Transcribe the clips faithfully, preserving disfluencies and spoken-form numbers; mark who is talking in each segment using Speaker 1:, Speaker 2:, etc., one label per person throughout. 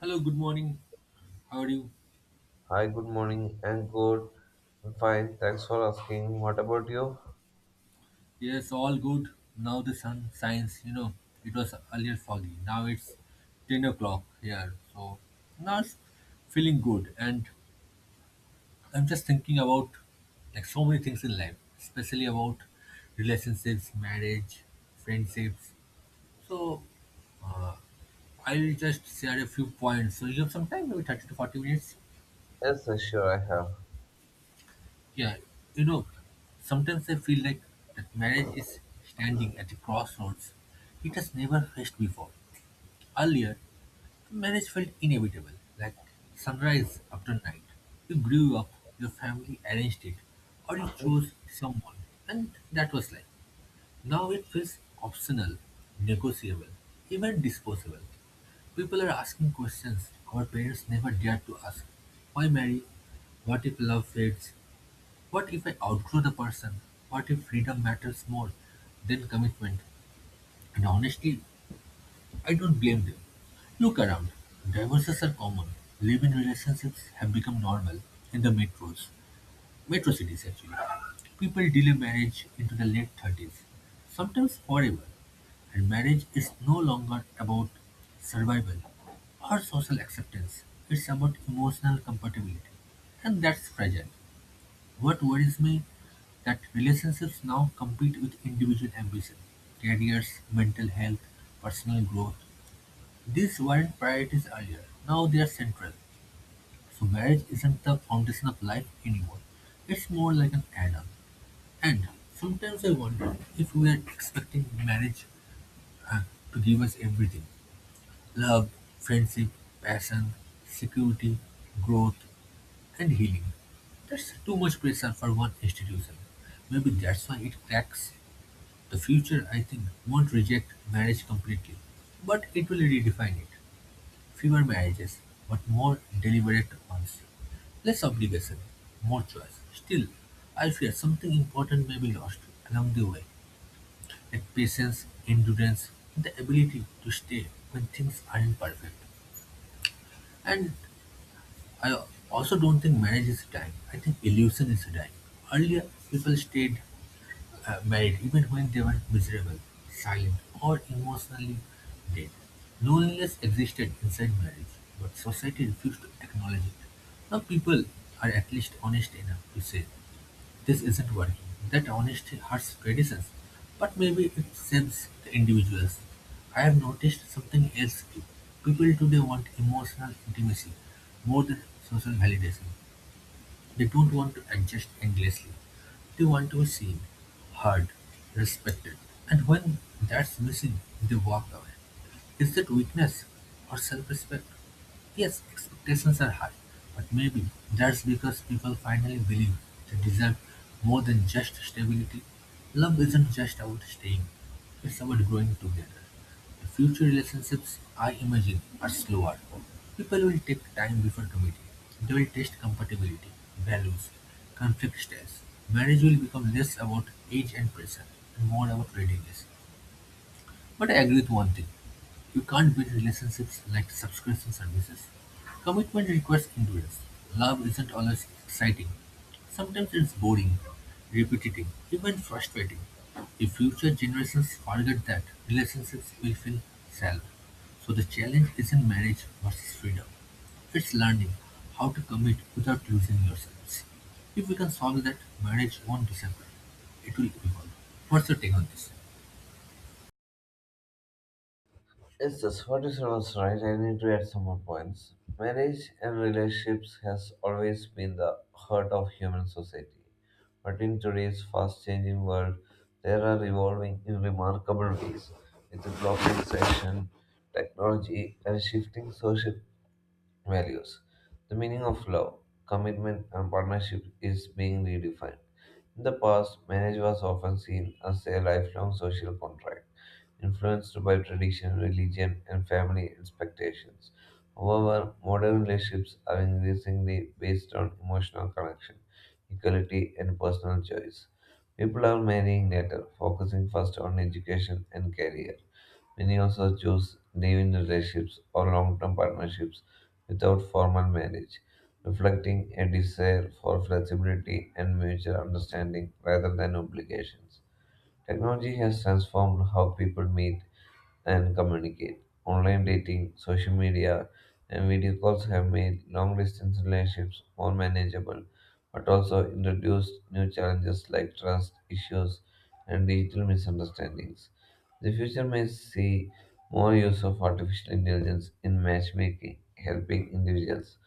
Speaker 1: Hello, good morning. How are you?
Speaker 2: Hi, good morning. And good. I'm fine. Thanks for asking. What about you?
Speaker 1: Yes, all good. Now the sun shines. You know, it was earlier foggy. Now it's ten o'clock here. So now it's feeling good. And I'm just thinking about like so many things in life, especially about relationships, marriage, friendships. So I'll just share a few points. So you have some time, maybe thirty to forty minutes.
Speaker 2: Yes, yes, sure, I have.
Speaker 1: Yeah, you know, sometimes I feel like that marriage is standing at a crossroads it has never faced before. Earlier, marriage felt inevitable, like sunrise after night. You grew up, your family arranged it, or you chose someone, and that was life. Now it feels optional, negotiable, even disposable. People are asking questions our parents never dared to ask. Why marry? What if love fades? What if I outgrow the person? What if freedom matters more than commitment? And honestly, I don't blame them. Look around. Divorces are common. Live-in relationships have become normal in the metros, metro cities actually. People delay marriage into the late thirties, sometimes forever. And marriage is no longer about survival or social acceptance. It's about emotional compatibility. And that's fragile. What worries me that relationships now compete with individual ambition, careers, mental health, personal growth. These weren't priorities earlier. Now they are central. So marriage isn't the foundation of life anymore. It's more like an add-on. And sometimes I wonder if we are expecting marriage uh, to give us everything. Love, friendship, passion, security, growth, and healing. That's too much pressure for one institution. Maybe that's why it cracks. The future, I think, won't reject marriage completely, but it will redefine it. Fewer marriages, but more deliberate ones. Less obligation, more choice. Still, I fear something important may be lost along the way, like patience, endurance, the ability to stay when things aren't perfect. And I also don't think marriage is dying. I think illusion is dying. Earlier, people stayed uh, married even when they were miserable, silent, or emotionally dead. Loneliness existed inside marriage, but society refused to acknowledge it. Now, people are at least honest enough to say this isn't working. That honesty hurts traditions, but maybe it saves the individuals. I have noticed something else too. People today want emotional intimacy more than social validation. They don't want to adjust endlessly. They want to be seen, heard, respected. And when that's missing, they walk away. Is that weakness or self respect? Yes, expectations are high, but maybe that's because people finally believe they deserve more than just stability. Love isn't just about staying, it's about growing together. Future relationships, I imagine, are slower. People will take time before committing. They will test compatibility, values, conflict styles. Marriage will become less about age and pressure and more about readiness. But I agree with one thing. You can't build relationships like subscription services. Commitment requires endurance. Love isn't always exciting. Sometimes it's boring, repetitive, even frustrating. If future generations forget that, relationships will feel shallow. So the challenge isn't marriage versus freedom. It's learning how to commit without losing yourselves. If we can solve that, marriage won't disappear. It will evolve. What's your take on this?
Speaker 2: Yes, yes, what you said was right. I need to add some more points. Marriage and relationships has always been the heart of human society. But in today's fast-changing world, they are evolving in remarkable ways with the globalization, technology, and shifting social values. The meaning of love, commitment, and partnership is being redefined. In the past, marriage was often seen as a lifelong social contract, influenced by tradition, religion, and family expectations. However, modern relationships are increasingly based on emotional connection, equality, and personal choice. People are marrying later, focusing first on education and career. Many also choose living relationships or long term partnerships without formal marriage, reflecting a desire for flexibility and mutual understanding rather than obligations. Technology has transformed how people meet and communicate. Online dating, social media, and video calls have made long distance relationships more manageable, but also introduced new challenges like trust issues and digital misunderstandings. The future may see more use of artificial intelligence in matchmaking, helping individuals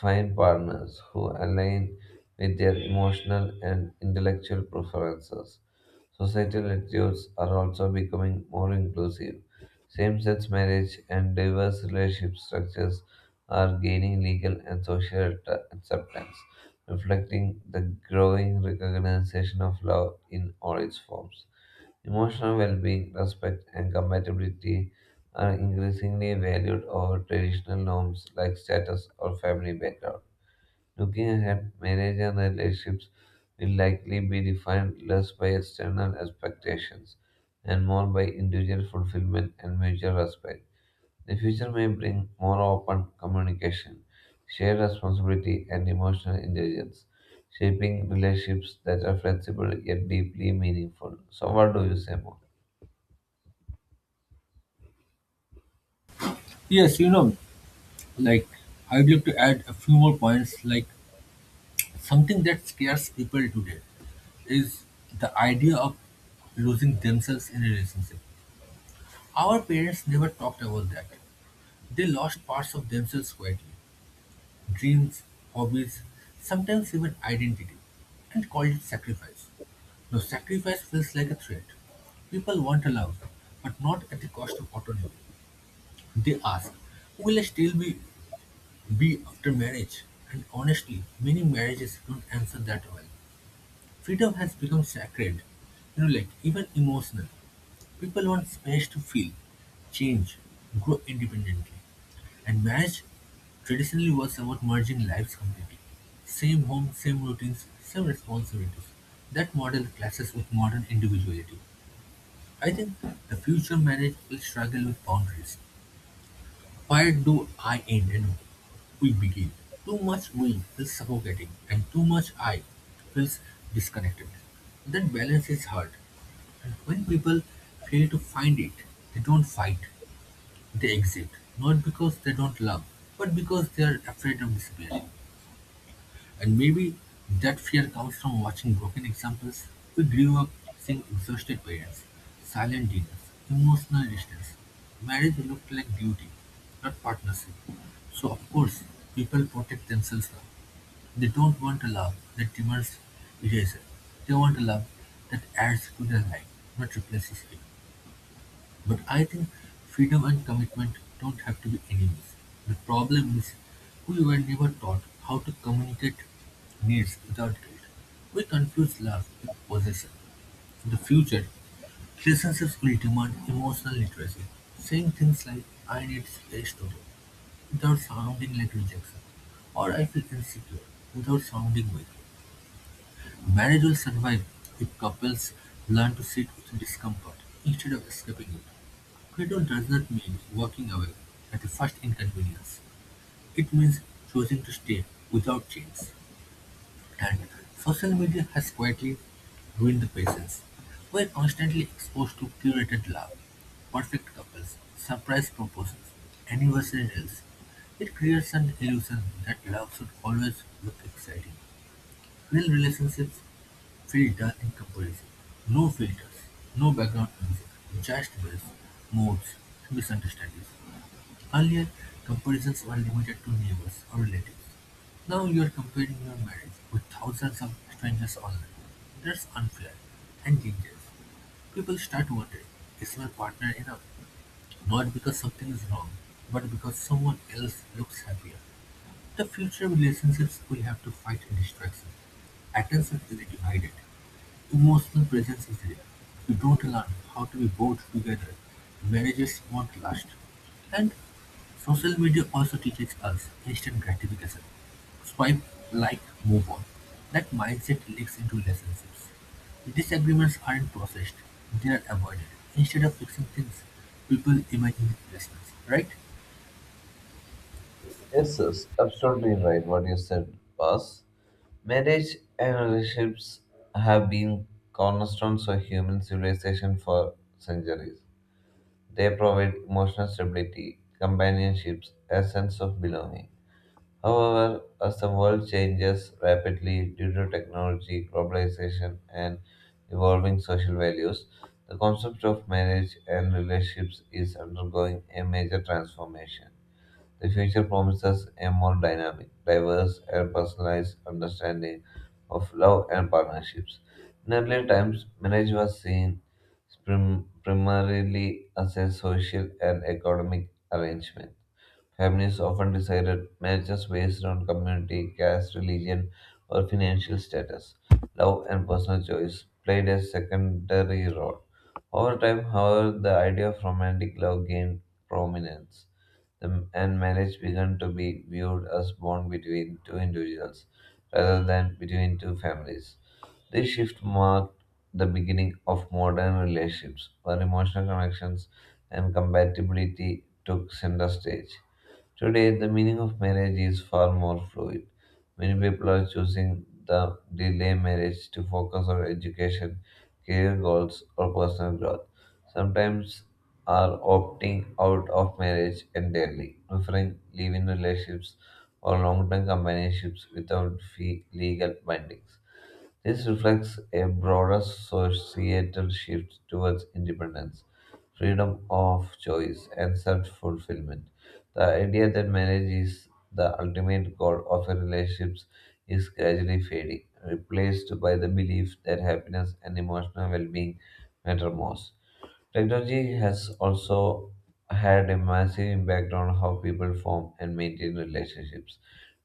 Speaker 2: find partners who align with their emotional and intellectual preferences. Societal attitudes are also becoming more inclusive. Same sex marriage and diverse relationship structures are gaining legal and social at- acceptance, reflecting the growing recognition of love in all its forms. Emotional well being, respect, and compatibility are increasingly valued over traditional norms like status or family background. Looking ahead, marriage and relationships will likely be defined less by external expectations and more by individual fulfillment and mutual respect. The future may bring more open communication, shared responsibility, and emotional intelligence, shaping relationships that are flexible yet deeply meaningful. So, what do you say more?
Speaker 1: Yes, you know, like I'd like to add a few more points. Like something that scares people today is the idea of losing themselves in a relationship. Our parents never talked about that. They lost parts of themselves quietly, dreams, hobbies, sometimes even identity, and called it sacrifice. Now, sacrifice feels like a threat. People want a love, but not at the cost of autonomy. They ask, will I still be be after marriage, and honestly, many marriages don't answer that well. Freedom has become sacred, you know, like even emotional. People want space to feel, change, grow independently. And marriage traditionally was about merging lives completely. Same home, same routines, same responsibilities. That model clashes with modern individuality. I think the future marriage will struggle with boundaries. Where do I end and we begin? Too much we feels suffocating, and too much I feels disconnected. That balance is hard. And when people fail to find it, they don't fight, they exit. Not because they don't love, but because they are afraid of disappearing. And maybe that fear comes from watching broken examples. We grew up seeing exhausted parents, silent dinners, emotional distance. Marriage looked like duty, not partnership. So of course, people protect themselves now. They don't want a love that demands erasure. They want a love that adds to their life, not replaces it. But I think freedom and commitment don't have to be enemies. The problem is we were never taught how to communicate needs without guilt. We confuse love with possession. In the future, relationships will demand emotional literacy, saying things like I need space to grow without sounding like rejection, or I feel insecure without sounding weak. Marriage will survive if couples learn to sit with discomfort instead of escaping it. Credo does not mean walking away at the first inconvenience; it means choosing to stay without change. And social media has quietly ruined the patience. We are constantly exposed to curated love, perfect couples, surprise proposals, anniversary reels. It creates an illusion that love should always look exciting. Real relationships feel dull in comparison. No filters, no background music, just bills, moods, misunderstandings. Earlier, comparisons were limited to neighbors or relatives. Now you are comparing your marriage with thousands of strangers online. That's unfair and dangerous. People start wondering, is my partner enough? Not because something is wrong, but because someone else looks happier. The future relationships will have to fight distraction. Attention is divided. Emotional presence is rare. We don't learn how to be both together. Marriages won't last. And social media also teaches us instant gratification. Swipe, like, move on. That mindset leaks into relationships. Disagreements aren't processed, they are avoided. Instead of fixing things, people imagine replacements, right?
Speaker 2: Yes, yes, absolutely right. What you said, boss. Marriage and relationships have been cornerstones of human civilization for centuries. They provide emotional stability, companionships, a sense of belonging. However, as the world changes rapidly due to technology, globalization, and evolving social values, the concept of marriage and relationships is undergoing a major transformation. The future promises a more dynamic, diverse, and personalized understanding of love and partnerships. In earlier times, marriage was seen prim- primarily as a social and economic arrangement. Families often decided marriages based on community, caste, religion, or financial status. Love and personal choice played a secondary role. Over time, however, the idea of romantic love gained prominence, The- and marriage began to be viewed as bond between two individuals rather than between two families. This shift marked the beginning of modern relationships, where emotional connections and compatibility took center stage. Today, the meaning of marriage is far more fluid. Many people are choosing the delay marriage to focus on education, career goals, or personal growth. Sometimes are opting out of marriage entirely, preferring live-in relationships or long-term companionships without fee- legal bindings. This reflects a broader societal shift towards independence, freedom of choice, and self fulfillment. The idea that marriage is the ultimate goal of a relationships is gradually fading, replaced by the belief that happiness and emotional well being matter most. Technology has also had a massive impact on how people form and maintain relationships.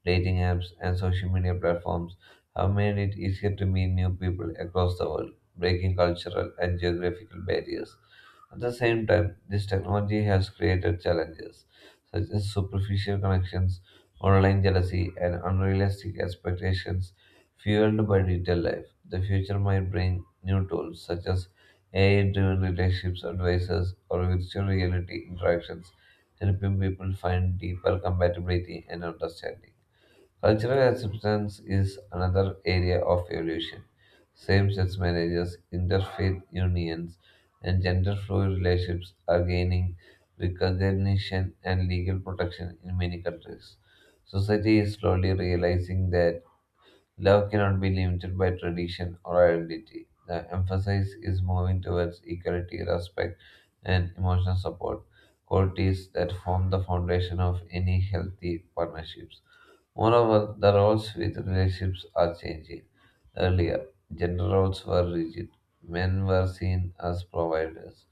Speaker 2: Dating apps and social media platforms have made it easier to meet new people across the world, breaking cultural and geographical barriers. At the same time, this technology has created challenges such as superficial connections, online jealousy, and unrealistic expectations fueled by digital life. The future might bring new tools such as A I driven relationships advisors or virtual reality interactions, helping people find deeper compatibility and understanding. Cultural acceptance is another area of evolution. Same sex marriages, interfaith unions, and gender fluid relationships are gaining recognition and legal protection in many countries. Society is slowly realizing that love cannot be limited by tradition or identity. The emphasis is moving towards equality, respect, and emotional support, qualities that form the foundation of any healthy partnerships. Moreover, the roles within relationships are changing. Earlier, gender roles were rigid. Men were seen as providers,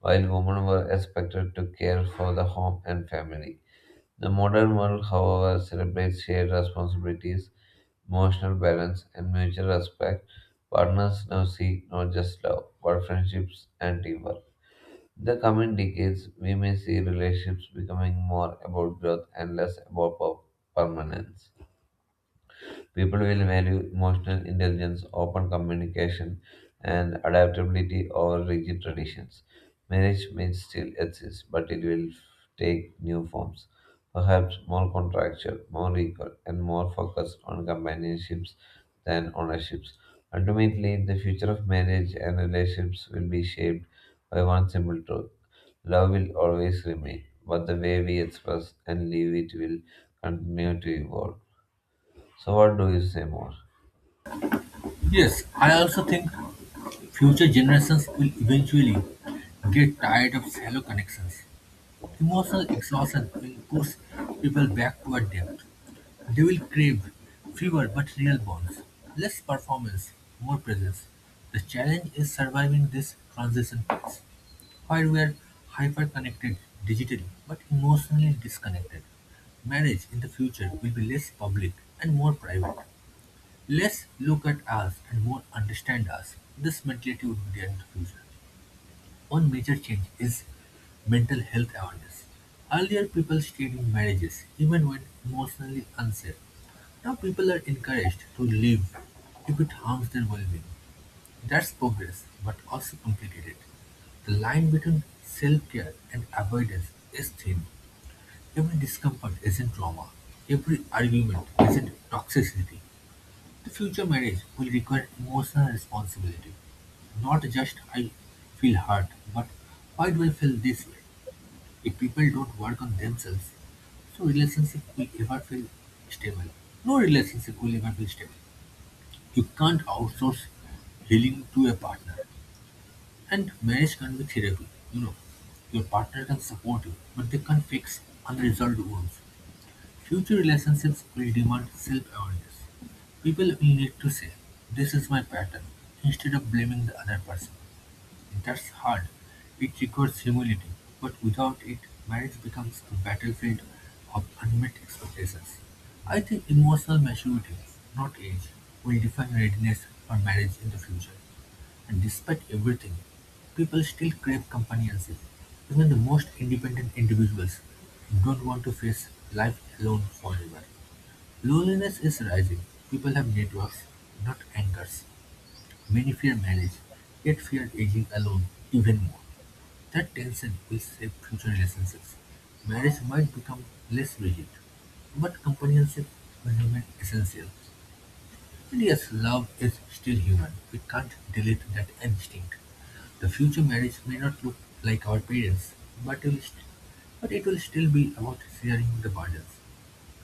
Speaker 2: while women were expected to care for the home and family. The modern world, however, celebrates shared responsibilities, emotional balance, and mutual respect. Partners now seek not just love, but friendships and teamwork. In the coming decades, we may see relationships becoming more about growth and less about per- permanence. People will value emotional intelligence, open communication, and adaptability over rigid traditions. Marriage may still exist, but it will take new forms, perhaps more contractual, more equal, and more focused on companionships than ownerships. Ultimately, the future of marriage and relationships will be shaped by one simple truth: love will always remain, but the way we express and live it will continue to evolve. So what do you say more?
Speaker 1: Yes, I also think future generations will eventually get tired of shallow connections. Emotional exhaustion will push people back toward depth. They will crave fewer but real bonds, less performance, more presence. The challenge is surviving this transition phase, where we are hyper-connected digitally but emotionally disconnected. Marriage in the future will be less public and more private. Less look at us and more understand us. This mentality would be there in the future. One major change is mental health awareness. Earlier, people stayed in marriages even when emotionally unsafe. Now, people are encouraged to leave if it harms their well being. That's progress, but also complicated. The line between self care and avoidance is thin. Every discomfort isn't trauma, every argument isn't toxicity. The future marriage will require emotional responsibility. Not just I feel hurt, but why do I feel this way? If people don't work on themselves, so relationship will ever feel stable. No relationship will ever feel stable. You can't outsource healing to a partner. And marriage can be therapy, you know. Your partner can support you, but they can't fix unresolved wounds. Future relationships will demand self-awareness. People will need to say, this is my pattern, instead of blaming the other person. That's hard. It requires humility, but without it, marriage becomes a battlefield of unmet expectations. I think emotional maturity, not age, will define readiness for marriage in the future. And despite everything, people still crave companionship. Even the most independent individuals don't want to face life alone forever. Loneliness is rising. People have networks, not anchors. Many fear marriage, yet fear aging alone even more. That tension will shape future relationships. Marriage might become less rigid, but companionship will remain essential. And yes, love is still human. We can't delete that instinct. The future marriage may not look like our parents, but it will, st- but it will still be about sharing the burdens.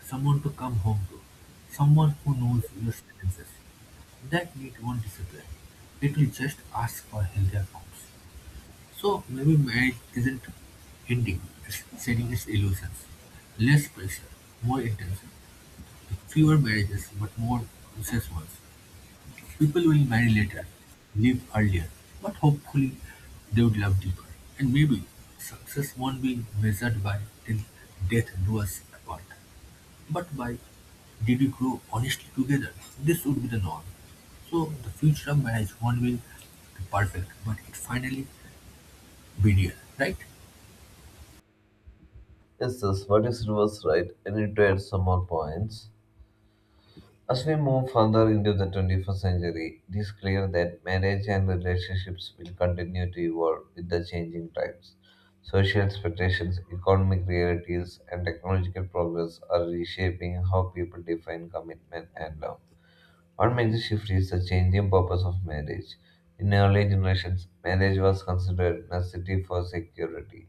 Speaker 1: Someone to come home to. Someone who knows your sentences. That need won't disappear. It will just ask for healthier forms. So maybe marriage isn't ending, it's setting its illusions. Less pressure, more intention. Fewer marriages, but more conscious ones. People will marry later, live earlier, but hopefully they would love deeper. And maybe success won't be measured by till death do us apart, but by did we grow honestly together? This would be the norm. So the future of marriage won't be perfect, but it finally be real, right?
Speaker 2: Yes, yes, what is was right? I need to add some more points. As we move further into the twenty-first century, it is clear that marriage and relationships will continue to evolve with the changing times. Social expectations, economic realities, and technological progress are reshaping how people define commitment and love. One major shift is the changing purpose of marriage. In early generations, marriage was considered necessity for security,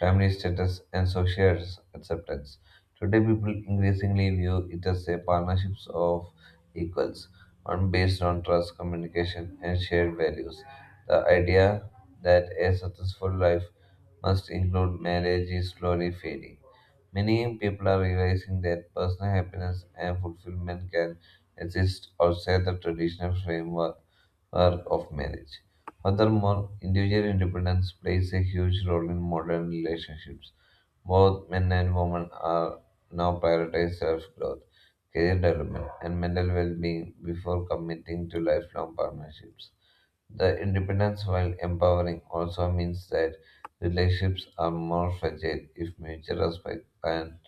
Speaker 2: family status, and social acceptance. Today, people increasingly view it as a partnership of equals, one based on trust, communication, and shared values. The idea that a successful life must include marriage is slowly fading. Many people are realizing that personal happiness and fulfillment can exist outside the traditional framework work of marriage. Furthermore, individual independence plays a huge role in modern relationships. Both men and women are now prioritizing self growth, career development, and mental well being before committing to lifelong partnerships. The independence, while empowering, also means that relationships are more fragile if mutual respect and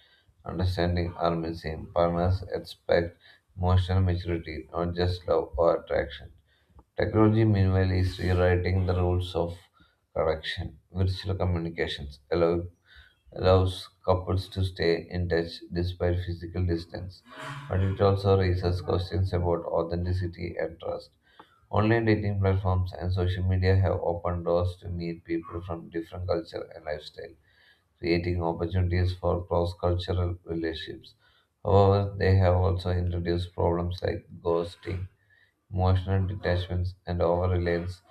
Speaker 2: understanding are missing. Partners expect emotional maturity, not just love or attraction. Technology, meanwhile, is rewriting the rules of correction, virtual communications, allow allows couples to stay in touch despite physical distance, but it also raises questions about authenticity and trust. Online dating platforms and social media have opened doors to meet people from different culture and lifestyle, creating opportunities for cross-cultural relationships. However, they have also introduced problems like ghosting, emotional detachments, and over reliance,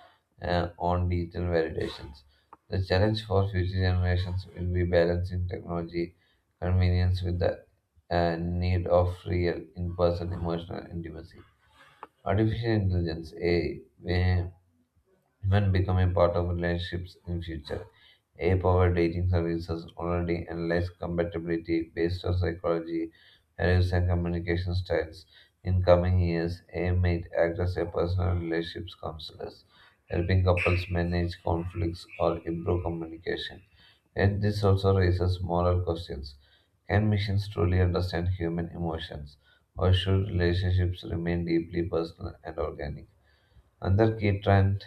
Speaker 2: uh, on digital validations. The challenge for future generations will be balancing technology convenience with the uh, need of real in person emotional intimacy. Artificial intelligence, A I, even becoming part of relationships in future. A I-powered dating services already analyze compatibility based on psychology, values, and communication styles. In coming years, A I might act as a personal relationships counselors, helping couples manage conflicts or improve communication. Yet this also raises moral questions. Can machines truly understand human emotions, or should relationships remain deeply personal and organic? Another key trend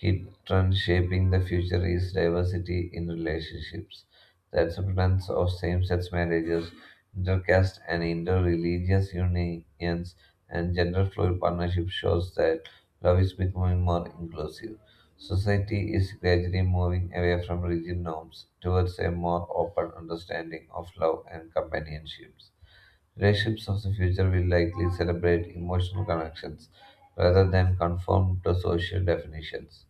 Speaker 2: key trend shaping the future is diversity in relationships. The acceptance of same sex marriages, intercaste and inter religious unions, and gender fluid partnerships shows that love is becoming more inclusive. Society is gradually moving away from rigid norms towards a more open understanding of love and companionships. Relationships of the future will likely celebrate emotional connections rather than conform to social definitions.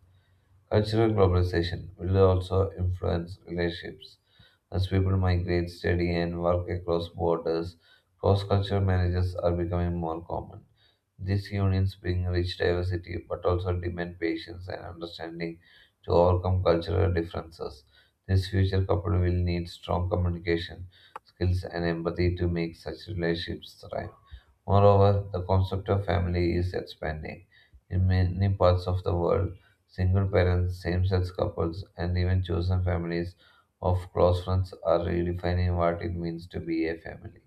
Speaker 2: Cultural globalization will also influence relationships as people migrate, study, and work across borders. Cross-cultural marriages are becoming more common. These unions bring rich diversity but also demand patience and understanding to overcome cultural differences. This future couple will need strong communication skills and empathy to make such relationships thrive. Moreover, the concept of family is expanding. In many parts of the world, single parents, same sex couples, and even chosen families of close friends are redefining what it means to be a family.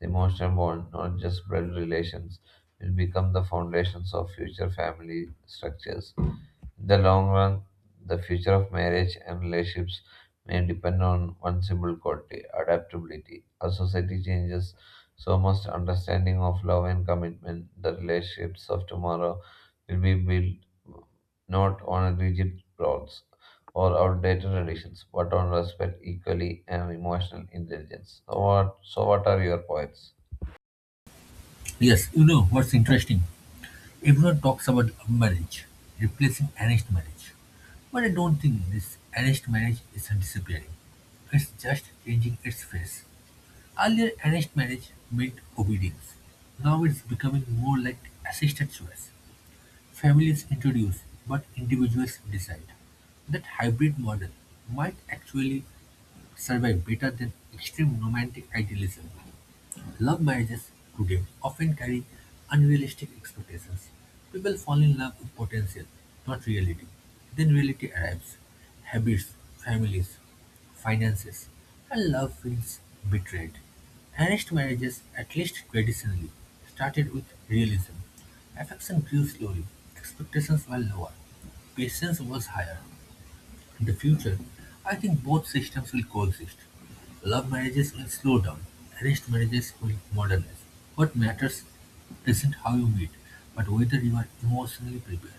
Speaker 2: The emotional bond, not just blood relations, will become the foundations of future family structures. In the long run, the future of marriage and relationships may depend on one simple quality: adaptability. As society changes, so must understanding of love and commitment. The relationships of tomorrow will be built not on rigid roles or outdated traditions, but on respect, equality, and emotional intelligence. So, what, so what are your points?
Speaker 1: Yes, you know what's interesting? Everyone talks about love marriage replacing arranged marriage, but I don't think this arranged marriage is disappearing. It's just changing its face. Earlier, arranged marriage meant obedience. Now it's becoming more like assisted choice. Families introduce, but individuals decide. That hybrid model might actually survive better than extreme romantic idealism. Love marriages today often carry unrealistic expectations. People fall in love with potential, not reality. Then reality arrives. Habits, families, finances, and love feels betrayed. Arranged marriages, at least traditionally, started with realism. Affection grew slowly, expectations were lower, patience was higher. In the future, I think both systems will coexist. Love marriages will slow down, arranged marriages will modernize. What matters isn't how you meet, but whether you are emotionally prepared.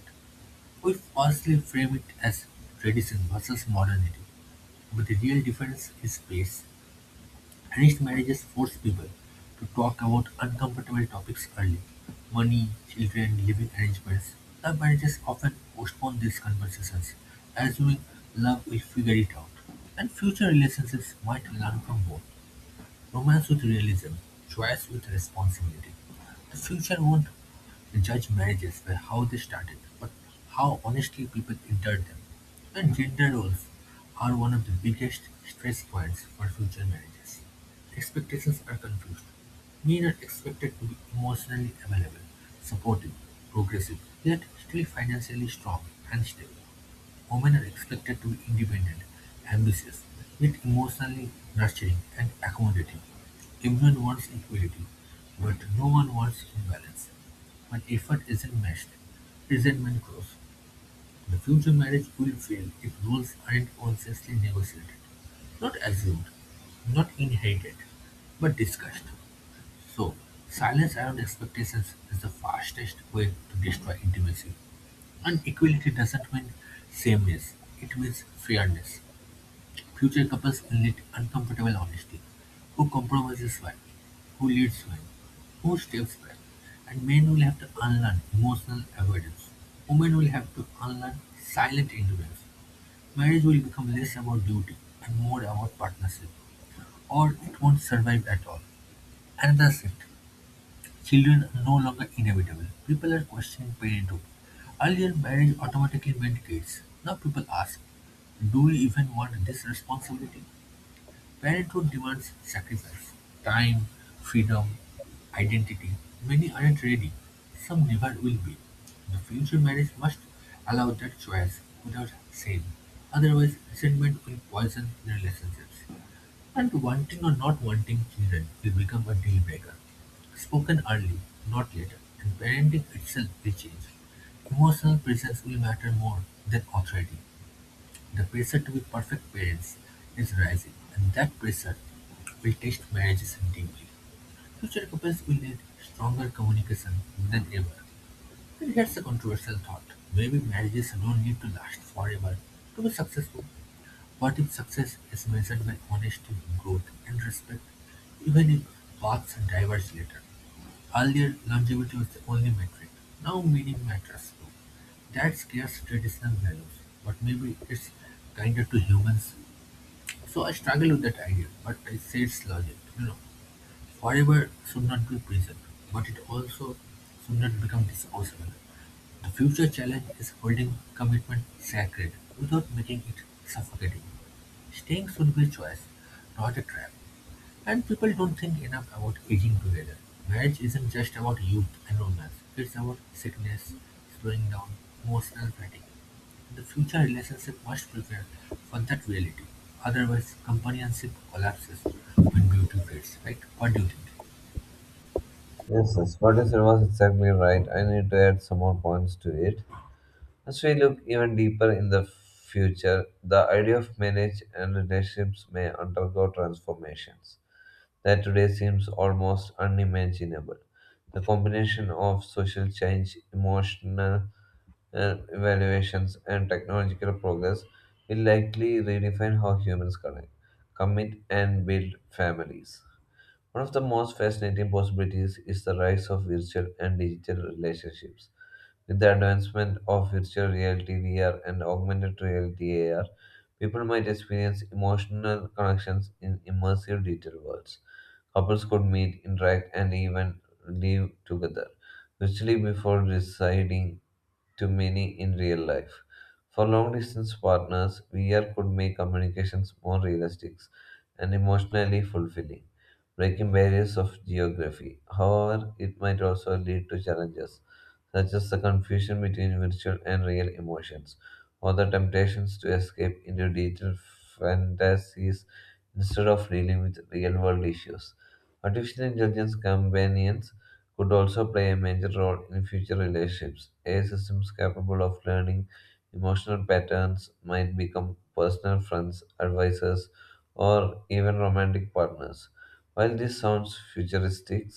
Speaker 1: We falsely frame it as tradition versus modernity, but the real difference is pace. Arranged marriages force people to talk about uncomfortable topics early: money, children, living arrangements. Love marriages often postpone these conversations, assuming love will figure it out, and future relationships might learn from both. Romance with realism, choice with responsibility. The future won't judge marriages by how they started, but how honestly people entered them. And gender roles are one of the biggest stress points for future marriages. Expectations are confused. Men are expected to be emotionally available, supportive, progressive, yet still financially strong and stable. Women are expected to be independent, ambitious, yet emotionally nurturing and accommodating. Everyone wants equality, but no one wants imbalance. When effort isn't matched, resentment grows. The future marriage will fail if rules aren't consciously negotiated. Not assumed, not inherited, but discussed. So, silence around expectations is the fastest way to destroy intimacy. And equality doesn't mean sameness, it means fairness. Future couples will need uncomfortable honesty. Who compromises when? Who leads when? Who steps back? And men will have to unlearn emotional avoidance. Women will have to unlearn silent endurance. Marriage will become less about duty and more about partnership, or it won't survive at all. Another shift, children no longer inevitable, people are questioning parenthood. Earlier marriage automatically meant kids. Now people ask, do we even want this responsibility? Parenthood demands sacrifice, time, freedom, identity. Many aren't ready. Some never will be. The future marriage must allow that choice without shame. Otherwise, resentment will poison relationships. And wanting or not wanting children will become a deal breaker. Spoken early, not later, and parenting itself will change. Emotional presence will matter more than authority. The pressure to be perfect parents is rising, and that pressure will test marriages deeply. Future couples will need stronger communication than ever. And here's a controversial thought, maybe marriages don't need to last forever to be successful. What if success is measured by honesty, growth, and respect, even if paths diverge later, earlier longevity was the only metric. Now meaning matters too. That scares traditional values, but maybe it's kinder to humans. So I struggle with that idea, but I say it's logic, you know. Forever should not be present, but it also should not become disposable. The future challenge is holding commitment sacred without making it suffocating. Staying should be a choice, not a trap. And people don't think enough about aging together. Marriage isn't just about youth and romance, it's about sickness, slowing down, emotional fatigue. The future relationship must prepare for that reality. Otherwise, companionship collapses when beauty fades, right? What do you think?
Speaker 2: Yes, yes, what you said was exactly right. I need to add some more points to it. As we look even deeper in the future, the idea of marriage and relationships may undergo transformations that today seems almost unimaginable. The combination of social change, emotional uh, evaluations, and technological progress will likely redefine how humans connect, commit, and build families. One of the most fascinating possibilities is the rise of virtual and digital relationships. With the advancement of virtual reality, V R, and augmented reality, A R, people might experience emotional connections in immersive digital worlds. Couples could meet, interact, and even live together virtually before deciding to many in real life. For long distance partners, V R could make communications more realistic and emotionally fulfilling, breaking barriers of geography. However, it might also lead to challenges, such as the confusion between virtual and real emotions, or the temptations to escape into digital fantasies instead of dealing with real world issues. Artificial intelligence companions could also play a major role in future relationships. A I systems capable of learning emotional patterns might become personal friends, advisors, or even romantic partners. While this sounds futuristic,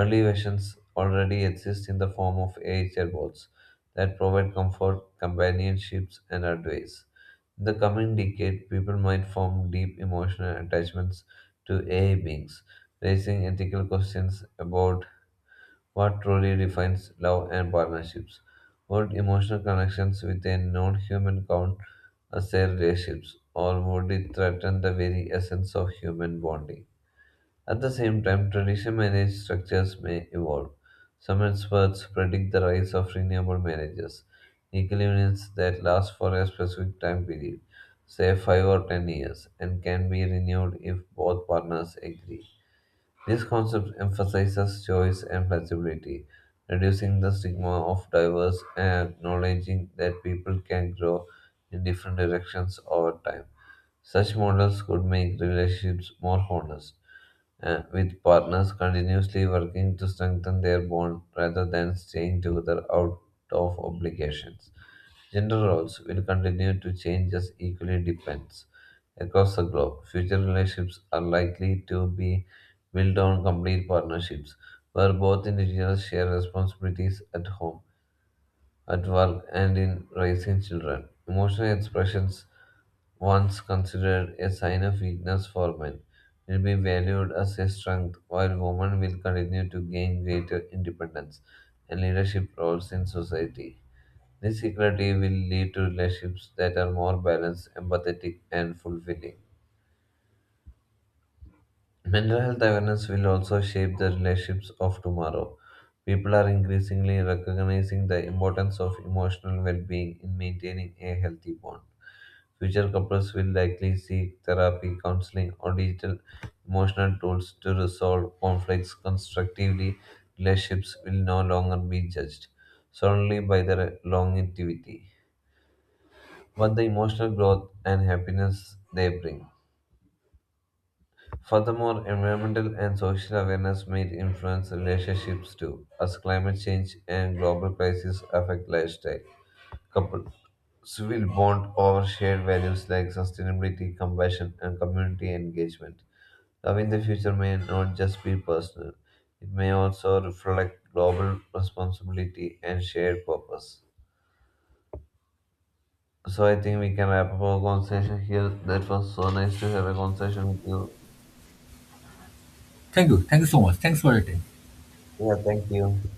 Speaker 2: early versions already exist in the form of A I chatbots that provide comfort, companionships, and advice. In the coming decade, people might form deep emotional attachments to A I beings, raising ethical questions about what truly defines love and partnerships. Would emotional connections with a non human count as their relationships, or would it threaten the very essence of human bonding? At the same time, traditional marriage structures may evolve. Some experts predict the rise of renewable marriages, agreements that last for a specific time period, say five or ten years, and can be renewed if both partners agree. This concept emphasizes choice and flexibility, reducing the stigma of diverse and acknowledging that people can grow in different directions over time. Such models could make relationships more honest, uh, with partners continuously working to strengthen their bond rather than staying together out of obligations. Gender roles will continue to change as equally depends across the globe. Future relationships are likely to be built on complete partnerships, where both individuals share responsibilities at home, at work, and in raising children. Emotional expressions, once considered a sign of weakness for men, will be valued as a strength, while women will continue to gain greater independence and leadership roles in society. This equality will lead to relationships that are more balanced, empathetic, and fulfilling. Mental health awareness will also shape the relationships of tomorrow. People are increasingly recognizing the importance of emotional well being in maintaining a healthy bond. Future couples will likely seek therapy, counseling, or digital emotional tools to resolve conflicts constructively. Relationships will no longer be judged solely by their longevity, but the emotional growth and happiness they bring. Furthermore, environmental and social awareness may influence relationships too, as climate change and global crises affect lifestyle. Couples will bond over shared values like sustainability, compassion, and community engagement. Love in the future may not just be personal, it may also reflect global responsibility and shared purpose. So, I think we can wrap up our conversation here. That was so nice to have a conversation with you.
Speaker 1: Thank you. Thank you so much. Thanks for your time.
Speaker 2: Yeah, thank you.